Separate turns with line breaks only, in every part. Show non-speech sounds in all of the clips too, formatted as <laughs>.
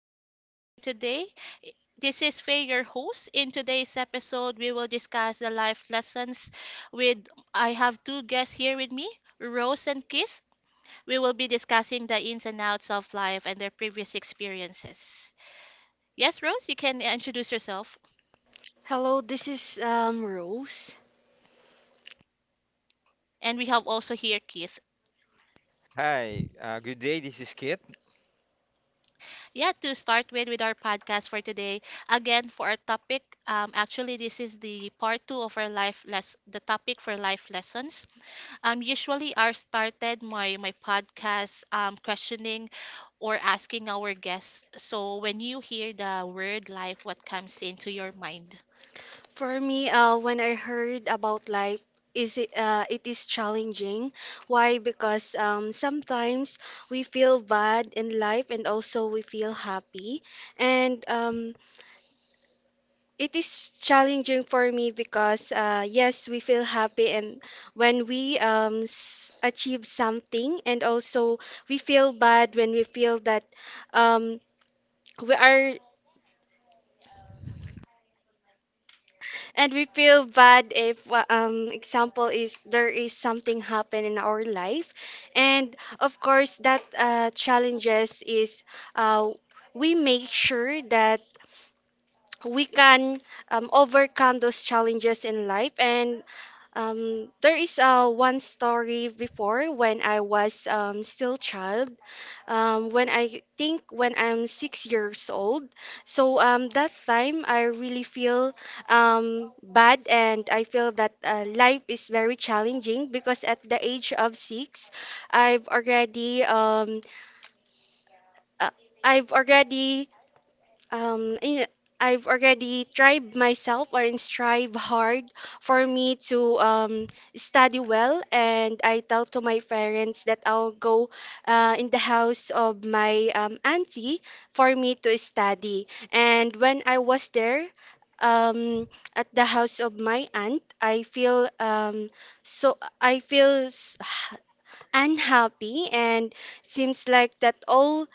our podcast for today. This is Faye, your host. In today's episode, we will discuss the life lessons with I have two guests here with me, Rose and Keith. We will be discussing the ins and outs of life and their previous experiences. Yes, Rose, you can introduce yourself.
Hello, this is Rose.
And we have also here Keith.
Hi, good day. This is Kit.
Yeah, to start with our podcast for today. Again, for our topic, actually this is the part two of our life less the topic for life lessons. Usually I started my podcast questioning or asking our guests. So when you hear the word life, what comes into your mind?
For me, when I heard about life, is it it is challenging. Why? Because sometimes we feel bad in life, and also we feel happy. And it is challenging for me because yes, we feel happy, and when we achieve something, and also we feel bad when we feel that um, we are. And we feel bad if, example is there is something happen in our life, and of course that challenges is uh, we make sure that we can overcome those challenges in life. And there is one story before when I was still child, when I think when I'm 6 years old. So that time I really feel bad and I feel that life is very challenging because at the age of six, I've already um, uh, I've already um in- I've already tried myself or in strive hard for me to study well, and I tell to my parents that I'll go in the house of my auntie for me to study. And when I was there, um, at the house of my aunt I feel so I feel s- <sighs> unhappy and seems like that all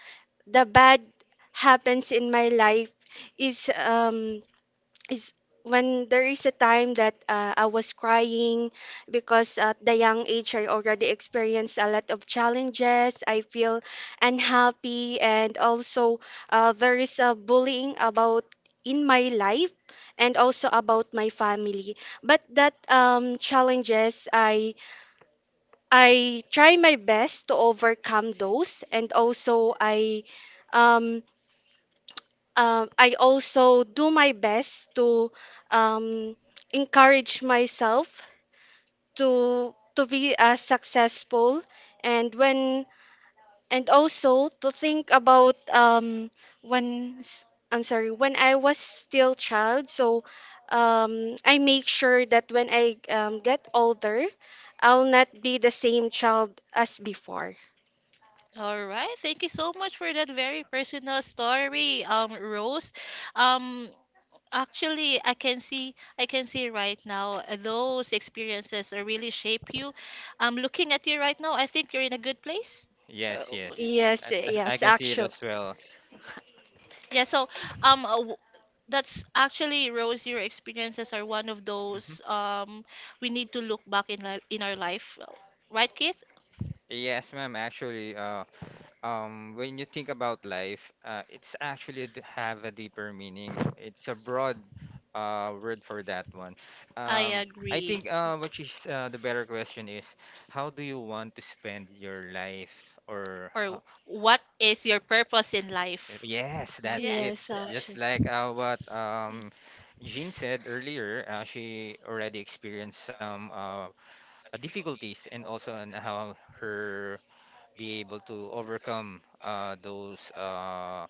the bad happens in my life is um is when there is a time that I was crying because at the young age I already experienced a lot of challenges. I feel unhappy and also there is a bullying about in my life and also about my family. But that challenges I try my best to overcome those, and also um I also do my best to um, encourage myself to be as successful, and when and also to think about when s- I'm sorry, when I was still child. So I make sure that when I get older, I'll not be the same child as before.
All right, thank you so much for that very personal story, Rose. Um, Actually, I can see right now those experiences really shape you. Looking at you right now, I think you're in a good place. Uh,
Yes, yes.
Yes,
As I
yes,
can see it as
actually.
well.
Yeah, so um uh, w- that's actually Rose, your experiences are one of
hmm
those we need to look back in li in our life. Right, Keith?
Yes, ma'am. Actually, when you think about life, it's actually have a deeper meaning. It's a broad word for that one.
I
I
agree.
think which the better question is, how do you want to spend your life, or
Or what is your purpose in life?
yes, that's it.
Yes,
Yes.
Just
actually.
like what
Mm.
Jean said earlier, she already experienced some difficulties and also on how her be able to overcome those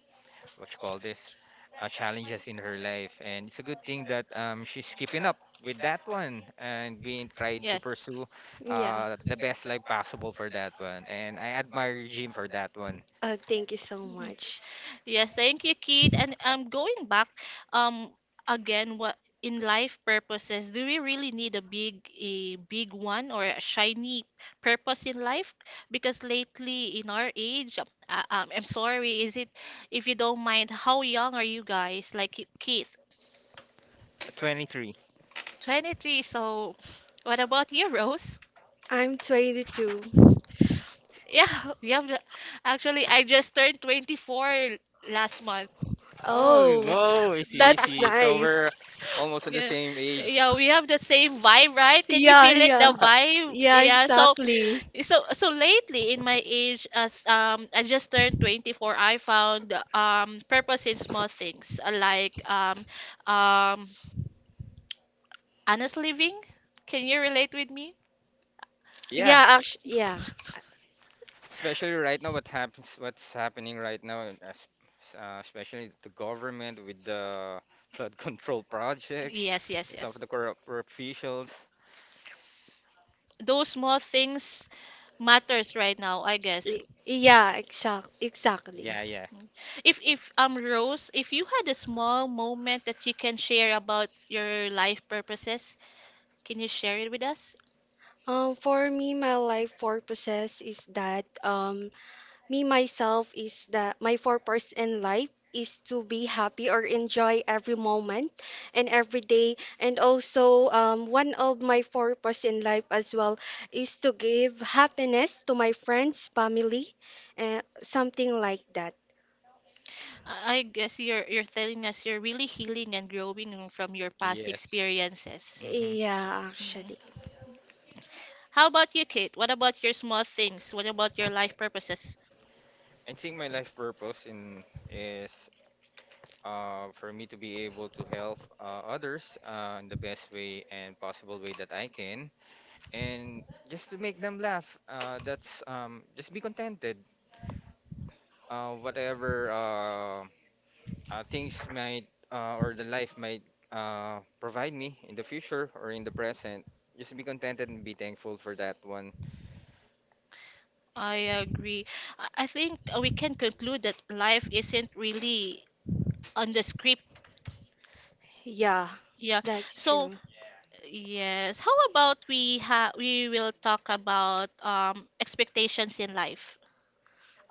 what you call this challenges in her life. And it's a good thing that she's keeping up with that one and being tried to
Yes.
pursue
Yeah.
the best life possible for that one. And I admire Jean for that one.
Thank you so
Mm-hmm.
much.
Yes, thank you, Keith. And going back, um, again, what in life purposes do we really need a big one or a shiny purpose in life? Because lately, in our age, I'm sorry, is it? If you don't mind, how young are you guys? Like Keith,
23.
23. So, <sniffs> what about you, Rose?
I'm 22.
Yeah, <laughs> you have. Actually, I just turned 24 last month.
Oh,
Oh,
whoa, I see, I
that's
<laughs>
see. So
nice.
we're almost at the
Yeah,
same age.
yeah, we have the same vibe, right? Can you
Yeah,
feel it,
yeah.
the vibe?
Yeah,
Yeah.
exactly.
So lately in my age, as I just turned 24, I found purpose in small things, um, honest living. Can you relate with me?
Yeah,
Yeah, actually,
s-
yeah.
especially right now, what happens, what's happening right now, and especially the government with the flood <laughs> control projects,
Yes, yes,
some
yes.
of the corrupt officials.
Those small things matters right now, I guess.
Y- Yeah, exact, exactly.
Yeah, yeah,
Mm. If Rose, if you had a small moment that you can share about your life purposes, can you share it with us?
For me, my life purposes is that me myself is that my purpose in life is to be happy or enjoy every moment and every day. And also, one of my purpose in life as well is to give happiness to my friends, family, something like that.
I guess you're telling us you're really healing and growing from your past
yes.
experiences.
hmm
Yeah,
Mm.
actually,
How about you, Kate? What about your small things? What about your life purposes?
I think my life purpose in is for me to be able to help others in the best way and possible way that I can. And just to make them laugh, that's just be contented, whatever things might or the life might provide me in the future or in the present. Just be contented and be thankful for that one.
I agree. I think we can conclude that life isn't really on the script.
yeah.
Yeah.
That's
So,
true.
yes. How about we ha we will talk about expectations in life.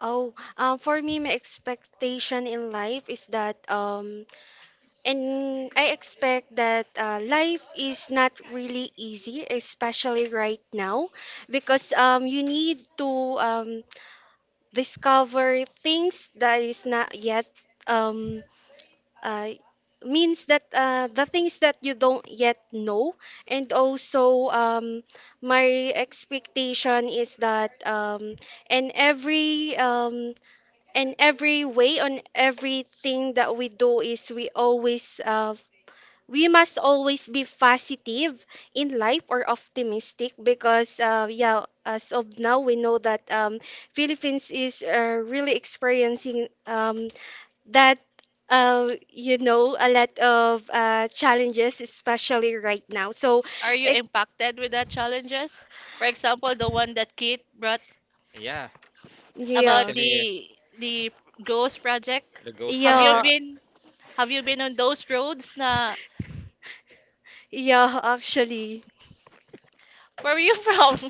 Oh, for me, my expectation in life is that and I expect that life is not really easy, especially right now, because you need to um, discover things that is not yet um, uh, means that the things that you don't yet know. And also, my expectation is that in every um, in every way on everything that we do is we always we must always be positive in life or optimistic, because yeah, as of now we know that Philippines is really experiencing that you know, a lot of challenges, especially right now. So
Are you
it,
impacted with that challenges? For example, the one that Kate brought
Yeah,
about
yeah.
especially
the ghost project?
the ghost
Have you
Yeah,
projects.
been have you been on those roads na
yeah, actually.
where are you from? <laughs>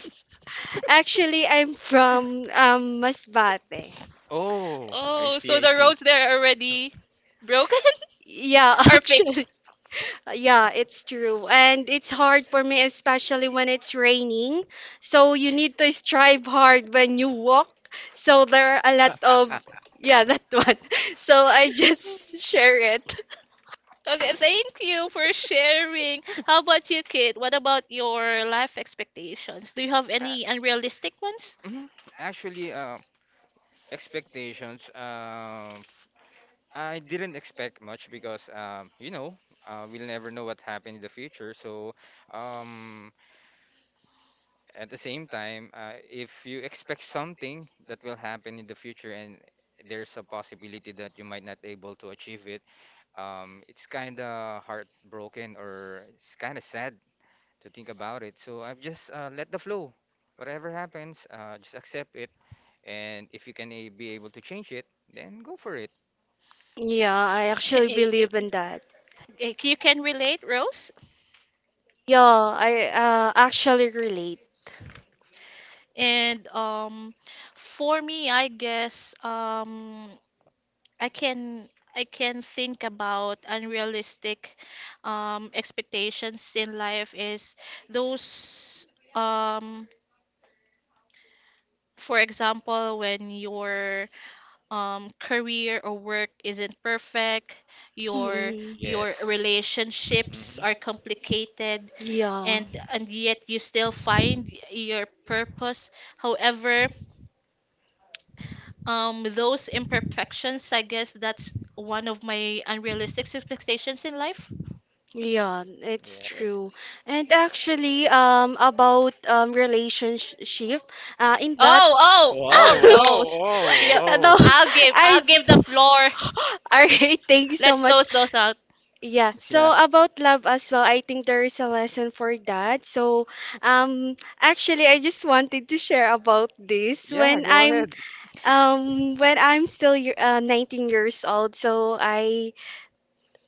Actually, I'm from Masbate.
Oh, I
Oh,
see.
so
I
the roads there are already broken
Yeah,
<laughs>
<laughs>
or
actually.
fixed?
Yeah, it's true. And it's hard for me, especially when it's raining. So you need to strive hard when you walk. So there are a lot of, yeah, that one. <laughs> So I just <laughs> share it.
Okay, thank you for sharing. How about you, kid? What about your life expectations? Do you have
see.
any unrealistic ones?
Mhm. Actually, expectations, I didn't expect much because you know, we'll never know what happened in the future. So, um, at the same time, if you expect something that will happen in the future and there's a possibility that you might not able to achieve it, it's kind of heartbroken or it's kind of sad to think about it. So I've just let the flow. Whatever happens, just accept it. And if you can be able to change it, then go for it.
Yeah, I
K-
actually
eh, eh,
believe in that.
You can relate, Rose?
Yeah, I actually relate.
And for me, I guess I can I can think about unrealistic expectations in life is those um, for example when your career or work isn't perfect, your
Mm-mm.
your
Yes.
relationships
hmm
are complicated,
Yeah,
and yet you still find your purpose however those imperfections, I guess that's one of my unrealistic expectations in life.
yeah, it's
Yes.
Yes.
true. And actually, about relationship, in that.
Oh, oh, oh,
Whoa,
<laughs> <laughs>
whoa,
Rose.
whoa,
Yeah,
No,
whoa.
I'll give, I'll
I.
give
<laughs>
the floor.
All right, thank you so
Let's
much.
toast those out.
Yeah, so
Yeah.
about love as well, I think there is a lesson for that. So, actually, I just wanted to share about this
Yeah,
when
go ahead.
I'm still 19 years old. So I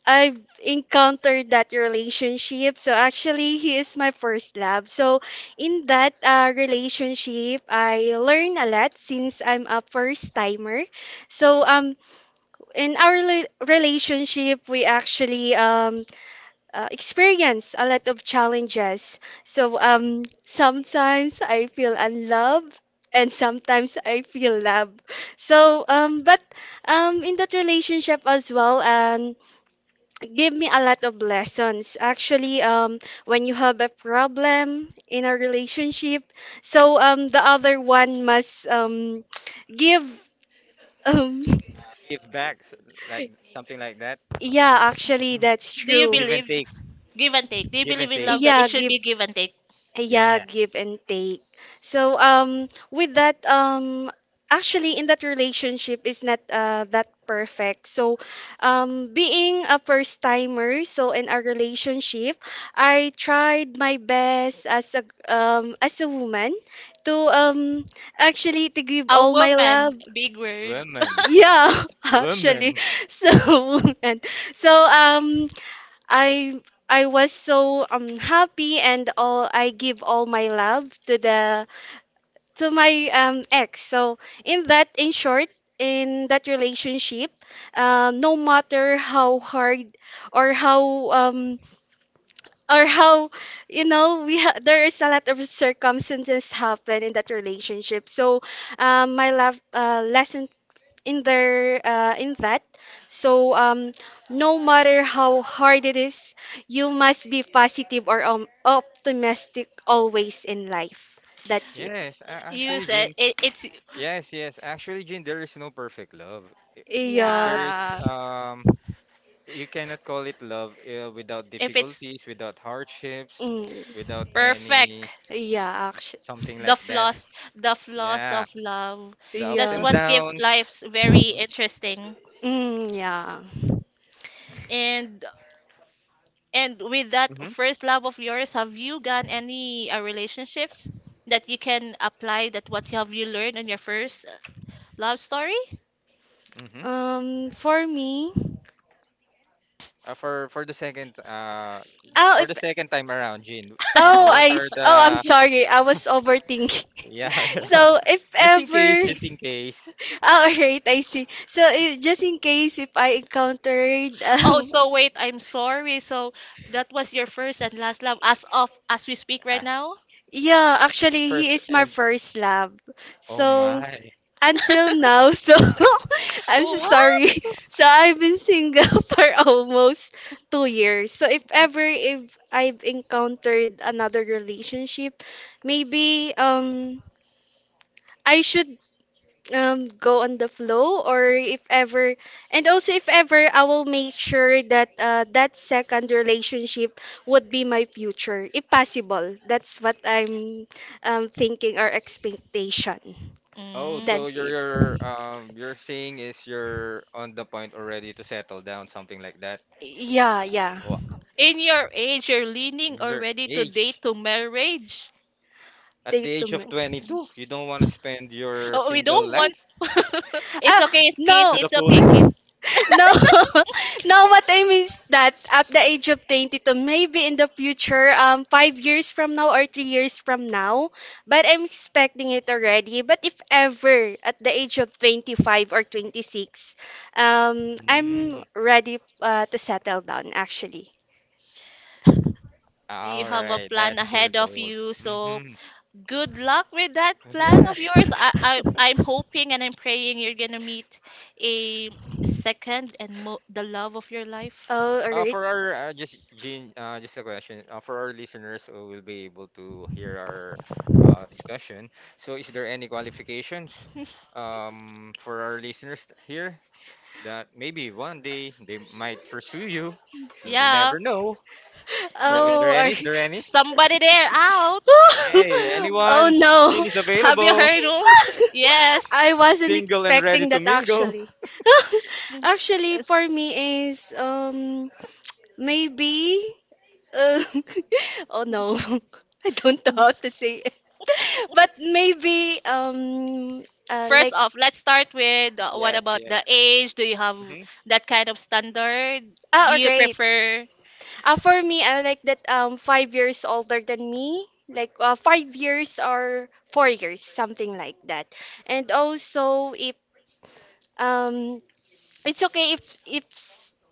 I've encountered that relationship. So actually, he is my first love. So in that relationship, I learn a lot since I'm a first timer. So in our relationship, we actually experience a lot of challenges. So sometimes I feel unloved. And sometimes I feel love. So, but in that relationship as well, give me a lot of lessons actually, when you have a problem in a relationship, so the other one must give um.
Give back, like something like that.
<laughs> Yeah, actually,
Mhm.
that's
Do you
true.
Give and
believe
take.
give and take? Do you
Give and
believe in
take.
love that it
Yeah,
should
give,
be give and take?
yeah, give
Yes.
and take. So with that actually, in that relationship is not that perfect. So being a first timer, so in our relationship, I tried my best as a woman to actually to give
A
all my
woman,
love.
big word.
Woman.
<laughs>
Yeah, <laughs> actually.
Woman.
So <laughs> and so I I was so happy and all I give all my love to the to my ex. So in that, in short, in that relationship, no matter how hard or how um or how you know, there is a lot of circumstances happen in that relationship. So my love, lesson in there, in that so no matter how hard it is, you must be positive or optimistic always in life. That's it.
Yes.
You
Actually,
said
Jean.
it, it's
Yes, yes. Actually, Jean, there is no perfect love. If
Yeah.
there is,
yeah.
you cannot call it love without
If it's
difficulties, without hardships,
Mm,
without
perfect,
any
yeah. Actually,
something
the
like that.
flaws, the flaws
Yeah.
of love.
The ups
That's
yeah.
and
what gives
downs.
life very
Mm-hmm.
interesting.
Mm, yeah.
And And with that
Mm-hmm.
first love of yours, have you gone any relationships that you can apply that what have you learned on your first love story?
Mm-hmm.
For me
Uh, for for the second uh
Oh,
for
if.
the second time around, Jean,
Oh,
what
I
are
<laughs>
s- oh, I'm
the
sorry. I was
<laughs>
overthinking. <laughs>
yeah, <laughs> yeah.
So if
Just in case,
ever.
just in case.
<laughs> Oh, right, I see. So just in case if I encountered
Oh,
um.
so wait, I'm sorry. So that was your first and last love as of as we speak right
As
now?
<laughs> Yeah, actually, he
first
is my
and
first love.
oh
So
my.
until now, so <laughs> I'm so
What?
sorry. So I've been single <laughs> for almost 2 years. So if ever if I've encountered another relationship, maybe I should go on the flow. Or if ever, and also if ever, I will make sure that that second relationship would be my future if possible. That's what I'm thinking or expectation.
Oh,
Mm.
so
That's
you're
it.
you're um you're saying is you're on the point already to settle down, something like that.
Yeah, yeah.
Wow.
In your age, you're leaning
In your
already to date
age,
to marriage.
at
Date
the
to
age
ma-.
of 22, you don't want to spend your
Oh, we
single
don't want.
life
<laughs>
Ah,
It's okay, kid.
no.
to the
It's okay, kid.
fullest?
No, <laughs> no, what I mean is that at the age of 22, maybe in the future, 5 years from now or 3 years from now, but I'm expecting it already. But if ever at the age of 25 or 26, I'm
Hmm.
ready to settle down actually.
You
All
have a
right,
plan
that's your
ahead of
goal.
you, so
hmm
good luck with that
<laughs>
plan
Yeah.
of yours.
<laughs>
I'm hoping and I'm praying you're gonna meet a second and the love of your life.
Oh, alright.
For our just Jean, just a question. For our listeners who will be able to hear our discussion. So, is there any qualifications
<laughs>
for our listeners here that maybe one day they might pursue you?
Yeah,
Never know. So, is
never
Oh,
there any?
alright.
Is
<laughs>
there any?
somebody there out.
Hey,
Mm.
Oh
anyone? Jean
no.
is
Have you
available,
heard of?
I
Yes.
wasn't
single and ready
expecting
to
that
mingle.
actually. <laughs>
Mm.
Actually,
Yes.
for me is maybe uh, <laughs> oh no, <laughs> I don't know how to say it. <laughs> But maybe
First
like
off, let's start with what
Yes,
about the
yes.
age? Do you have
hmm
that kind of standard?
ah,
Do
oh,
you
great.
prefer
For me, I like that 5 years older than me. Like 5 years or 4 years, something like that. And also if um it's okay, if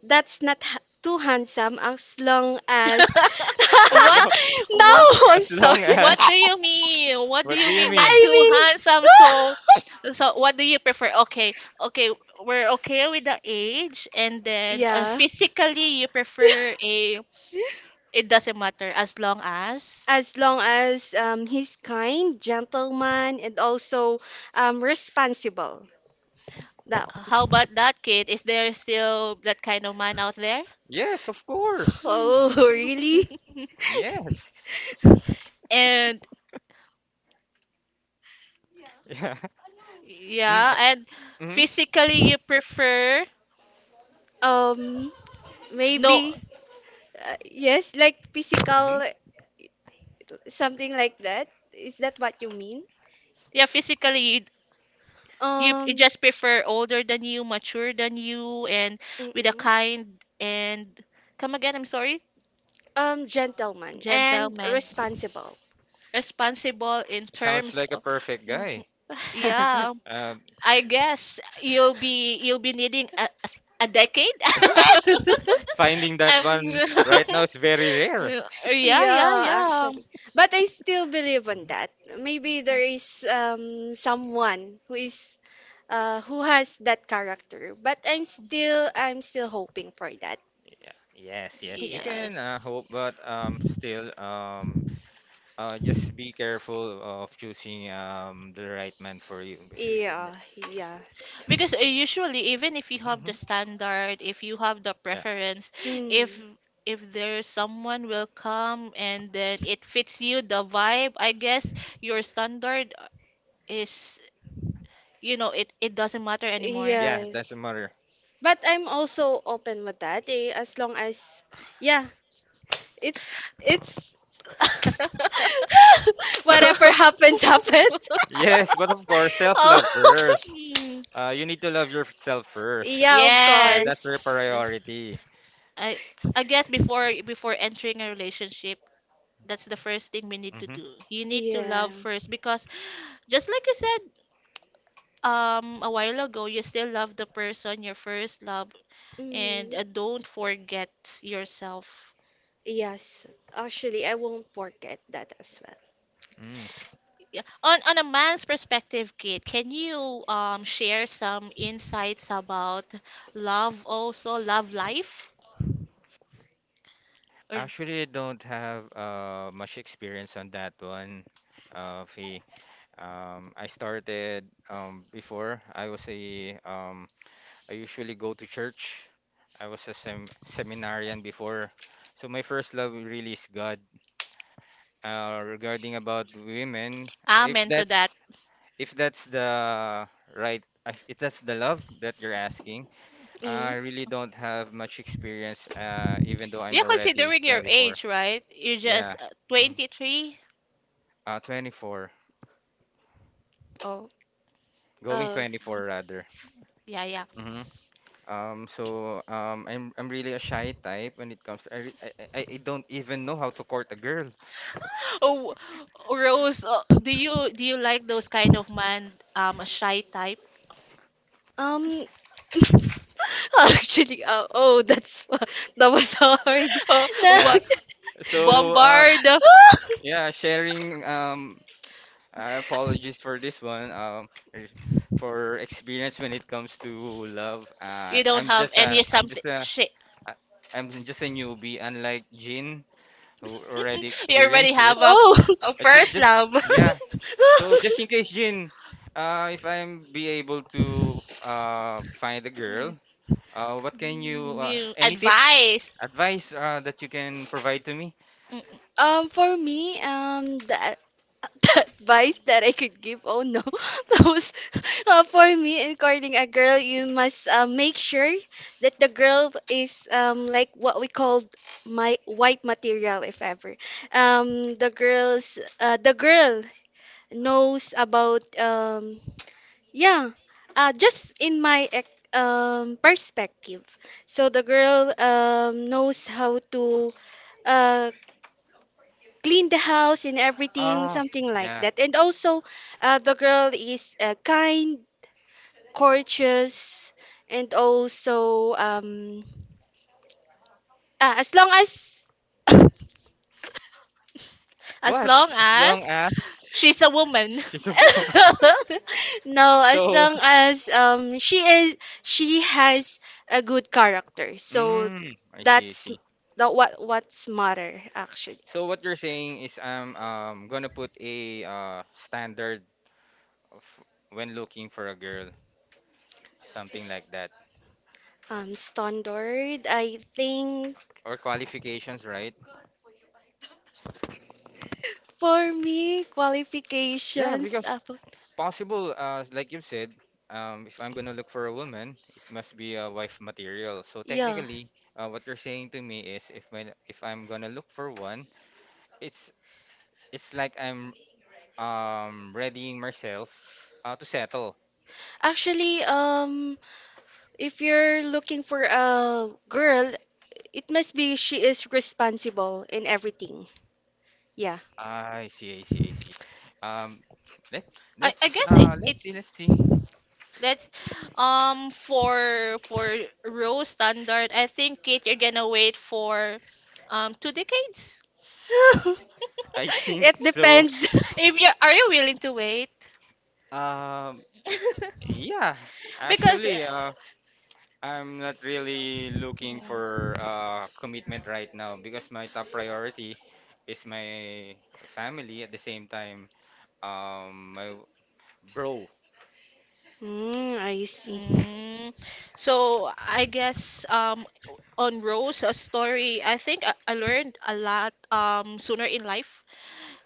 that's not too handsome, as long as
As
what?
long
<laughs> no,
What?
<laughs>
I'm
as long
sorry.
What
as
do you mean? What do
what do
you
you
mean not
mean?
I
too
mean
handsome?
<laughs>
What do you prefer? Okay, okay, we're okay with the age, and then
yeah.
physically you prefer a. It doesn't matter as long as.
As long as he's kind, gentleman, and also responsible. Now.
How about that kid? Is there still that kind of man out there?
Yes, of course.
Oh, <laughs> really?
<laughs>
Yes.
And
<laughs> Yeah. Mm,
yeah,
eh,
and
mm-hmm.
physically you prefer
Um,
no,
maybe yes, like
Mm-hmm.
physical, something like that. Is that what you mean?
yeah, physically you, you
Um,
just prefer older than you, mature than you, and with a
mm-mm.
kind and come again, I'm sorry,
Gentleman and
gentleman,
responsible.
responsible in
Sounds
terms
like a
of
perfect
Mhm.
guy.
Yeah,
<laughs>
Um,
I guess you'll be needing a decade. <laughs>
<laughs> finding that
Um,
one right now is
<laughs>
very rare.
yeah, yeah,
Yeah,
yeah.
actually. But I still believe on
Mhm.
that. Maybe there is someone who is who has that character, but I'm still hoping for that.
Yeah. Yes, yes, you
Yeah.
can
Yes.
hope, but still, just be careful of choosing the right man for you.
Yeah, yeah.
Because usually, even if you have the
Mhm.
standard, if you have the
Yeah,
preference, if
Mm.
there's someone will come and then it fits you, the vibe, I guess your standard is, you know, it doesn't matter anymore.
yeah,
Yes.
doesn't matter.
But I'm also open with that eh, as long as, yeah, it's
<laughs>
<laughs>
But
Yeah.
whatever happens, happens.
Yes, but of course,
<laughs> oh.
self-love first.
Hmm.
You need to love yourself
<laughs>
first.
Yeah, of
Yeah, that's
course.
your
Yes.
priority.
I I guess before entering a relationship, that's the first thing we need to
Mm-hmm.
do. You need to
Yeah.
love first because just like you said a while ago, you still love the person, your first love, and
Mhm.
don't forget yourself.
Yes. Actually, I won't work at that as
Mm. s-
Yeah. On a man's perspective, Kate, can you share some insights about love also, love life? Or
actually, I don't have much experience on that one, Fee. I started before. I was a I usually go to church. I was a seminarian before. So my first love really is God. Regarding about women, if
amen to that.
that's if that's the right, if that's the love that you're asking,
well. Mm.
I really don't have much experience, even though I'm
Yeah,
already
considering your
24.
age, right? You're just
Yeah. mhm.
23.
24.
Oh.
Going
eh,
Oh.
um,
24 rather.
Yeah, yeah.
hmm I'm really a shy type when it comes to, I, re I don't even know how to court a girl.
Oh, Rose, do you like those kind of man, a shy type? <laughs>
Um, <laughs> actually, oh, that's <laughs> that was hard.
Oh,
<laughs> No.
Yeah.
what
So um
bombard?
<laughs>
yeah, sharing I apologize for this one. Er, for experience when it comes to love,
You don't have any
I'm
something.
just a,
Shit,
I- I'm just a newbie. Unlike Jin, who already
you already
experienced it.
have
Oh.
a first
Just
love.
yeah. So just in case,
<laughs>
Jin, if I'm be able to
<laughs>
find a girl, what can you?
New
Any tips,
advice.
advice, that you can provide to me?
Mm, mm.
Um, for me, that <laughs> advice that I could give, oh no, <laughs> that was for me in courting a girl. You must make sure that the girl is like what we called my white material, if ever. The girl knows about um. Yeah, just in my perspective. So the girl knows how to uh, clean the house and everything,
Ah,
something like
yeah.
that. And also, the girl is kind, courteous, and also as long as <coughs>
As
What?
long
As long
as
as
she's a woman,
<laughs> she's. <laughs>
<laughs> no, as
So
long as she is, she has a good character. So
mm, I see, I
that's
see.
the what what's matter actually.
So what you're saying is I'm gonna put a standard of when looking for a girl, something like that,
Um, standard, I think,
or qualifications, right?
for me
Yeah,
qualifications
because
about,
possible, like you said, if I'm gonna look for a woman, it must be a wife material. So
yeah.
technically, what you're saying to me is if when if I'm gonna look for one, it's it's like I'm readying myself to settle.
Actually, if you're looking for a girl, it must be she is responsible in everything. Yeah.
I see, I see, I see. Um, let
<laughs> I guess it,
let's see,
it's.
let's see.
Let's for row standard, I think Kate, you're gonna wait for two decades.
<laughs>
<laughs> I think
It
so.
depends. <laughs>
If you are you willing to wait? <laughs>
Um, yeah,
Because
actually, I'm not really looking for
yeah.
commitment right now because my top priority is my family. At the same time, my bro.
Mm, I see.
Mm, so I guess on Rose a story I think I learned a lot sooner in life.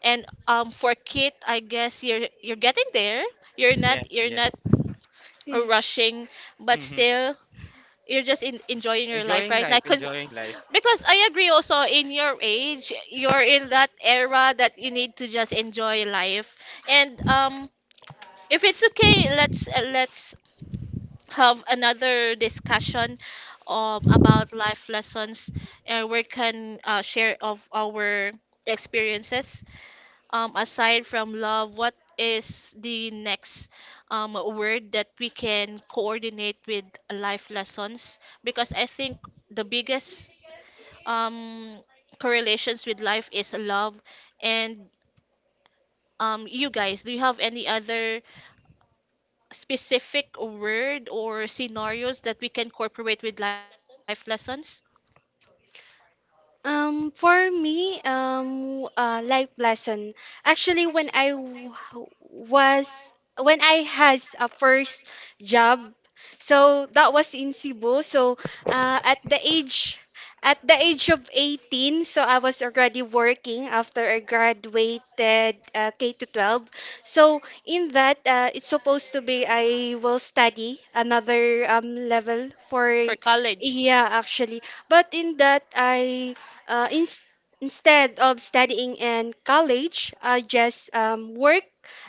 And for kit, I guess you're getting there. You're not
Yes,
you're
yes.
not rushing, but
Mm-hmm.
still you're just in, enjoying your life
Enjoying
right now.
life,
Cause,
enjoying life.
because I agree also in your age, you're in that era that you need to just enjoy life. And if it's okay, let's have another discussion about life lessons, and we can share of our experiences aside from love. What is the next word that we can coordinate with life lessons, because I think the biggest um correlations with life is love? And you guys, do you have any other specific word or scenarios that we can incorporate with life lessons
For me, life lesson. Actually, when was, when I had a first job, so that was in Cebu. So, uh, at the age at the age of 18, so I was already working after I graduated K to 12. So in that, it's supposed to be I will study another level for,
for college?
yeah actually. But in that uh, in, instead of studying in college, I just work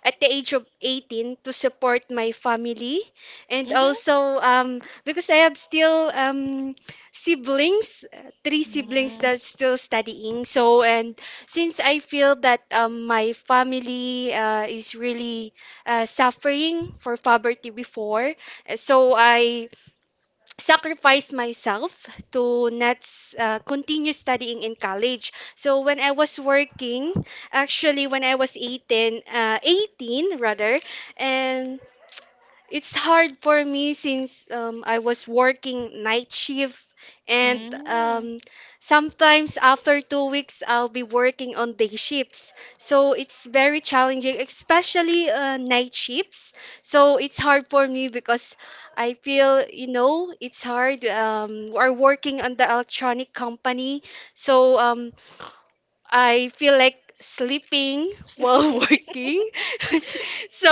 at the age of 18 to support my family. And
Mhm.
also, because I have still siblings, 3 siblings
Mm.
that are still studying. So, and since I feel that my family is really suffering for poverty before, so I sacrifice myself to not continue studying in college. So when I was working, actually when I was 18, and it's hard for me since I was working night shift, and
Mm.
sometimes after 2 weeks, I'll be working on day shifts. So it's very challenging, especially night shifts. So it's hard for me because I feel, you know, it's hard. We're working on the electronic company, so I feel like sleeping while <laughs>
<laughs>
working. <laughs> So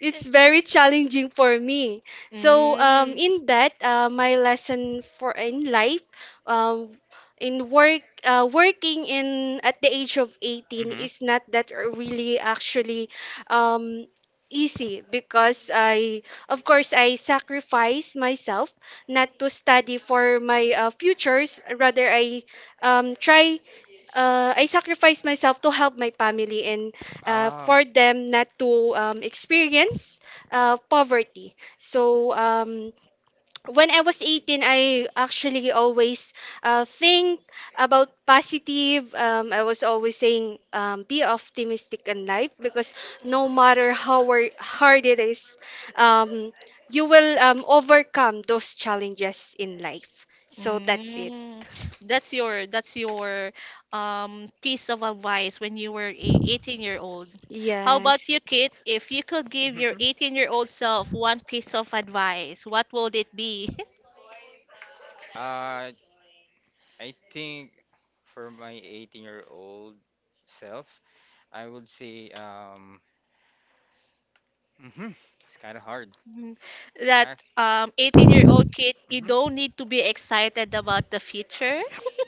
it's very challenging for me. So
Mm.
in that, my lesson for in life, um, in work, working in at the age of 18
Mm-hmm.
is not that really actually um, easy because I, of course, I sacrifice myself not to study for my futures. Rather, um, try I sacrificed myself to help my family and
Ah.
for them not to experience poverty. So when I was 18, I actually always think about positive. I was always saying be optimistic in life because no matter how hard it is, um, you will overcome those challenges in life. So that's it.
Mm. That's your piece of advice when you were a 18-year-old. How about
Yes.
you, Kit? If you could give your
mhm.
18-year-old self one piece of advice, what would it be? <laughs>
Uh, I think for my 18-year-old self, I would say mhm, it's kind of hard.
Mm. That
Uh,
18-year-old kid, you
mhm.
don't need to be excited about the future. <laughs>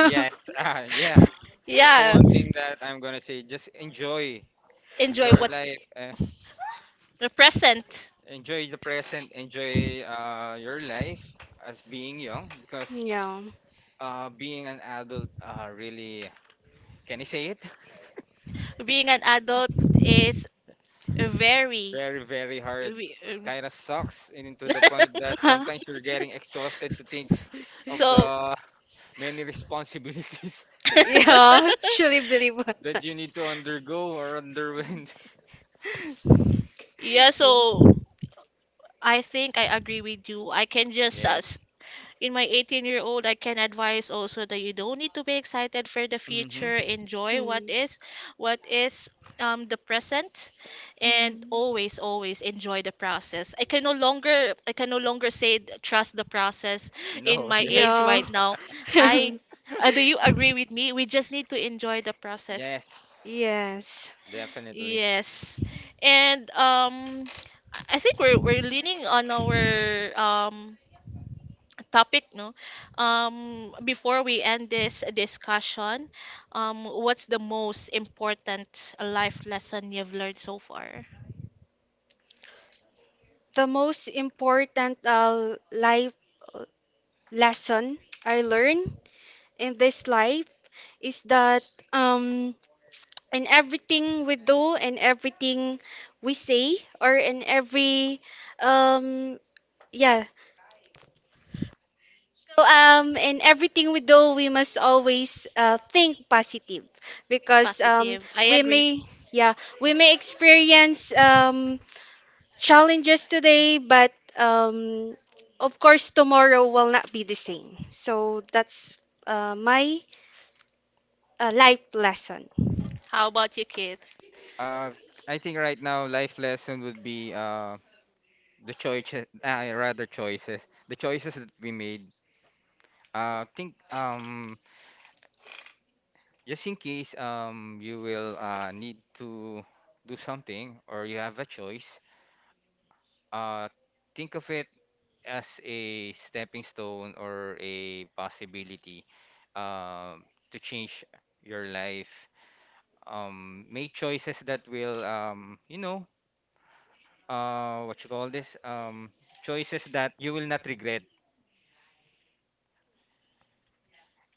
Yes, <laughs> ah, yeah.
<laughs>
It's the
Yeah,
one thing that I'm gonna say.
enjoy
Enjoy
what's
life,
the present.
enjoy the present, enjoy your life as being young. Because
Yeah. <laughs>
being an adult, really, can I say it? <laughs>
Being an adult is very.
Very, very hard.
we-
It
um,
kind of sucks, and to the
<laughs>
point that sometimes you're getting exhausted to think of
so,
the many responsibilities
<laughs>
Yeah, truly believe what.
<laughs> that you need to undergo or underwent. <laughs>
yeah, so
Yeah.
I think I agree with you. I can just
Yes.
in my 18-year-old I can advise also that you don't need to be excited for the
Mm-hmm.
future, enjoy
Mm.
what is the present, and
Mm.
always always enjoy the process. I can no longer say trust the process in
No,
my
<laughs>
age
yes.
Yeah.
right now.
<laughs>
I do you agree with me we just need to enjoy the process?
Yes.
Yes.
Definitely.
Yes. And I think we're leaning on
hmm
our um topic no before we end this discussion, what's the most important life lesson you've learned so far?
The most important life uh, lesson I learned in this life is that um in everything we do and everything we say or in every um yeah, so in everything we do, we must always think positive, because
Positive, I
we
agree.
may, yeah, we may experience challenges today, but um of course tomorrow will not be the same. So that's my life lesson.
How about you, Keith?
Uh, I think right now life lesson would be the choices, rather choices, the choices that we made. Think just in case you will need to do something or you have a choice. Uh, think of it as a stepping stone or a possibility um, to change your life. Make choices that will, you know, what you call this? Choices that you will not regret.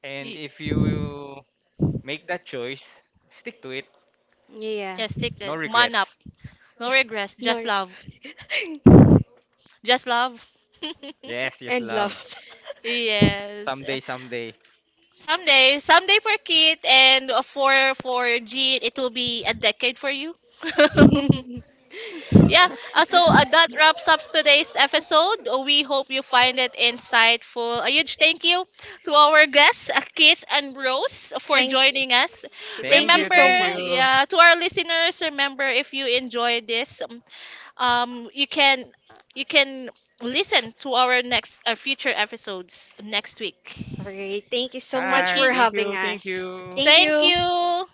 And
Y-
if you make that choice, stick to it.
Yeah.
yes, take
No
that man up.
regrets.
No regrets,
<laughs> No.
just
<laughs>
love, just love. <laughs>
Yes, yes,
And
love.
love.
Yes,
Someday, someday.
someday, someday for Keith and for Jean it will be a decade for you. <laughs>
<laughs>
Yeah, so that wraps up today's episode. We hope you find it insightful. A huge thank you to our guests, Keith and Rose, for
Thank,
joining us.
thank
Thank
you
you,
so
thank
Remember,
you.
much.
yeah, to our listeners, remember if you enjoy this, you can you can listen to our next future episodes next
All
week.
right, thank you so much
Thank
Hi,
for
you.
thank
having
you, thank
us.
you.
Thank
Thank
you.
you.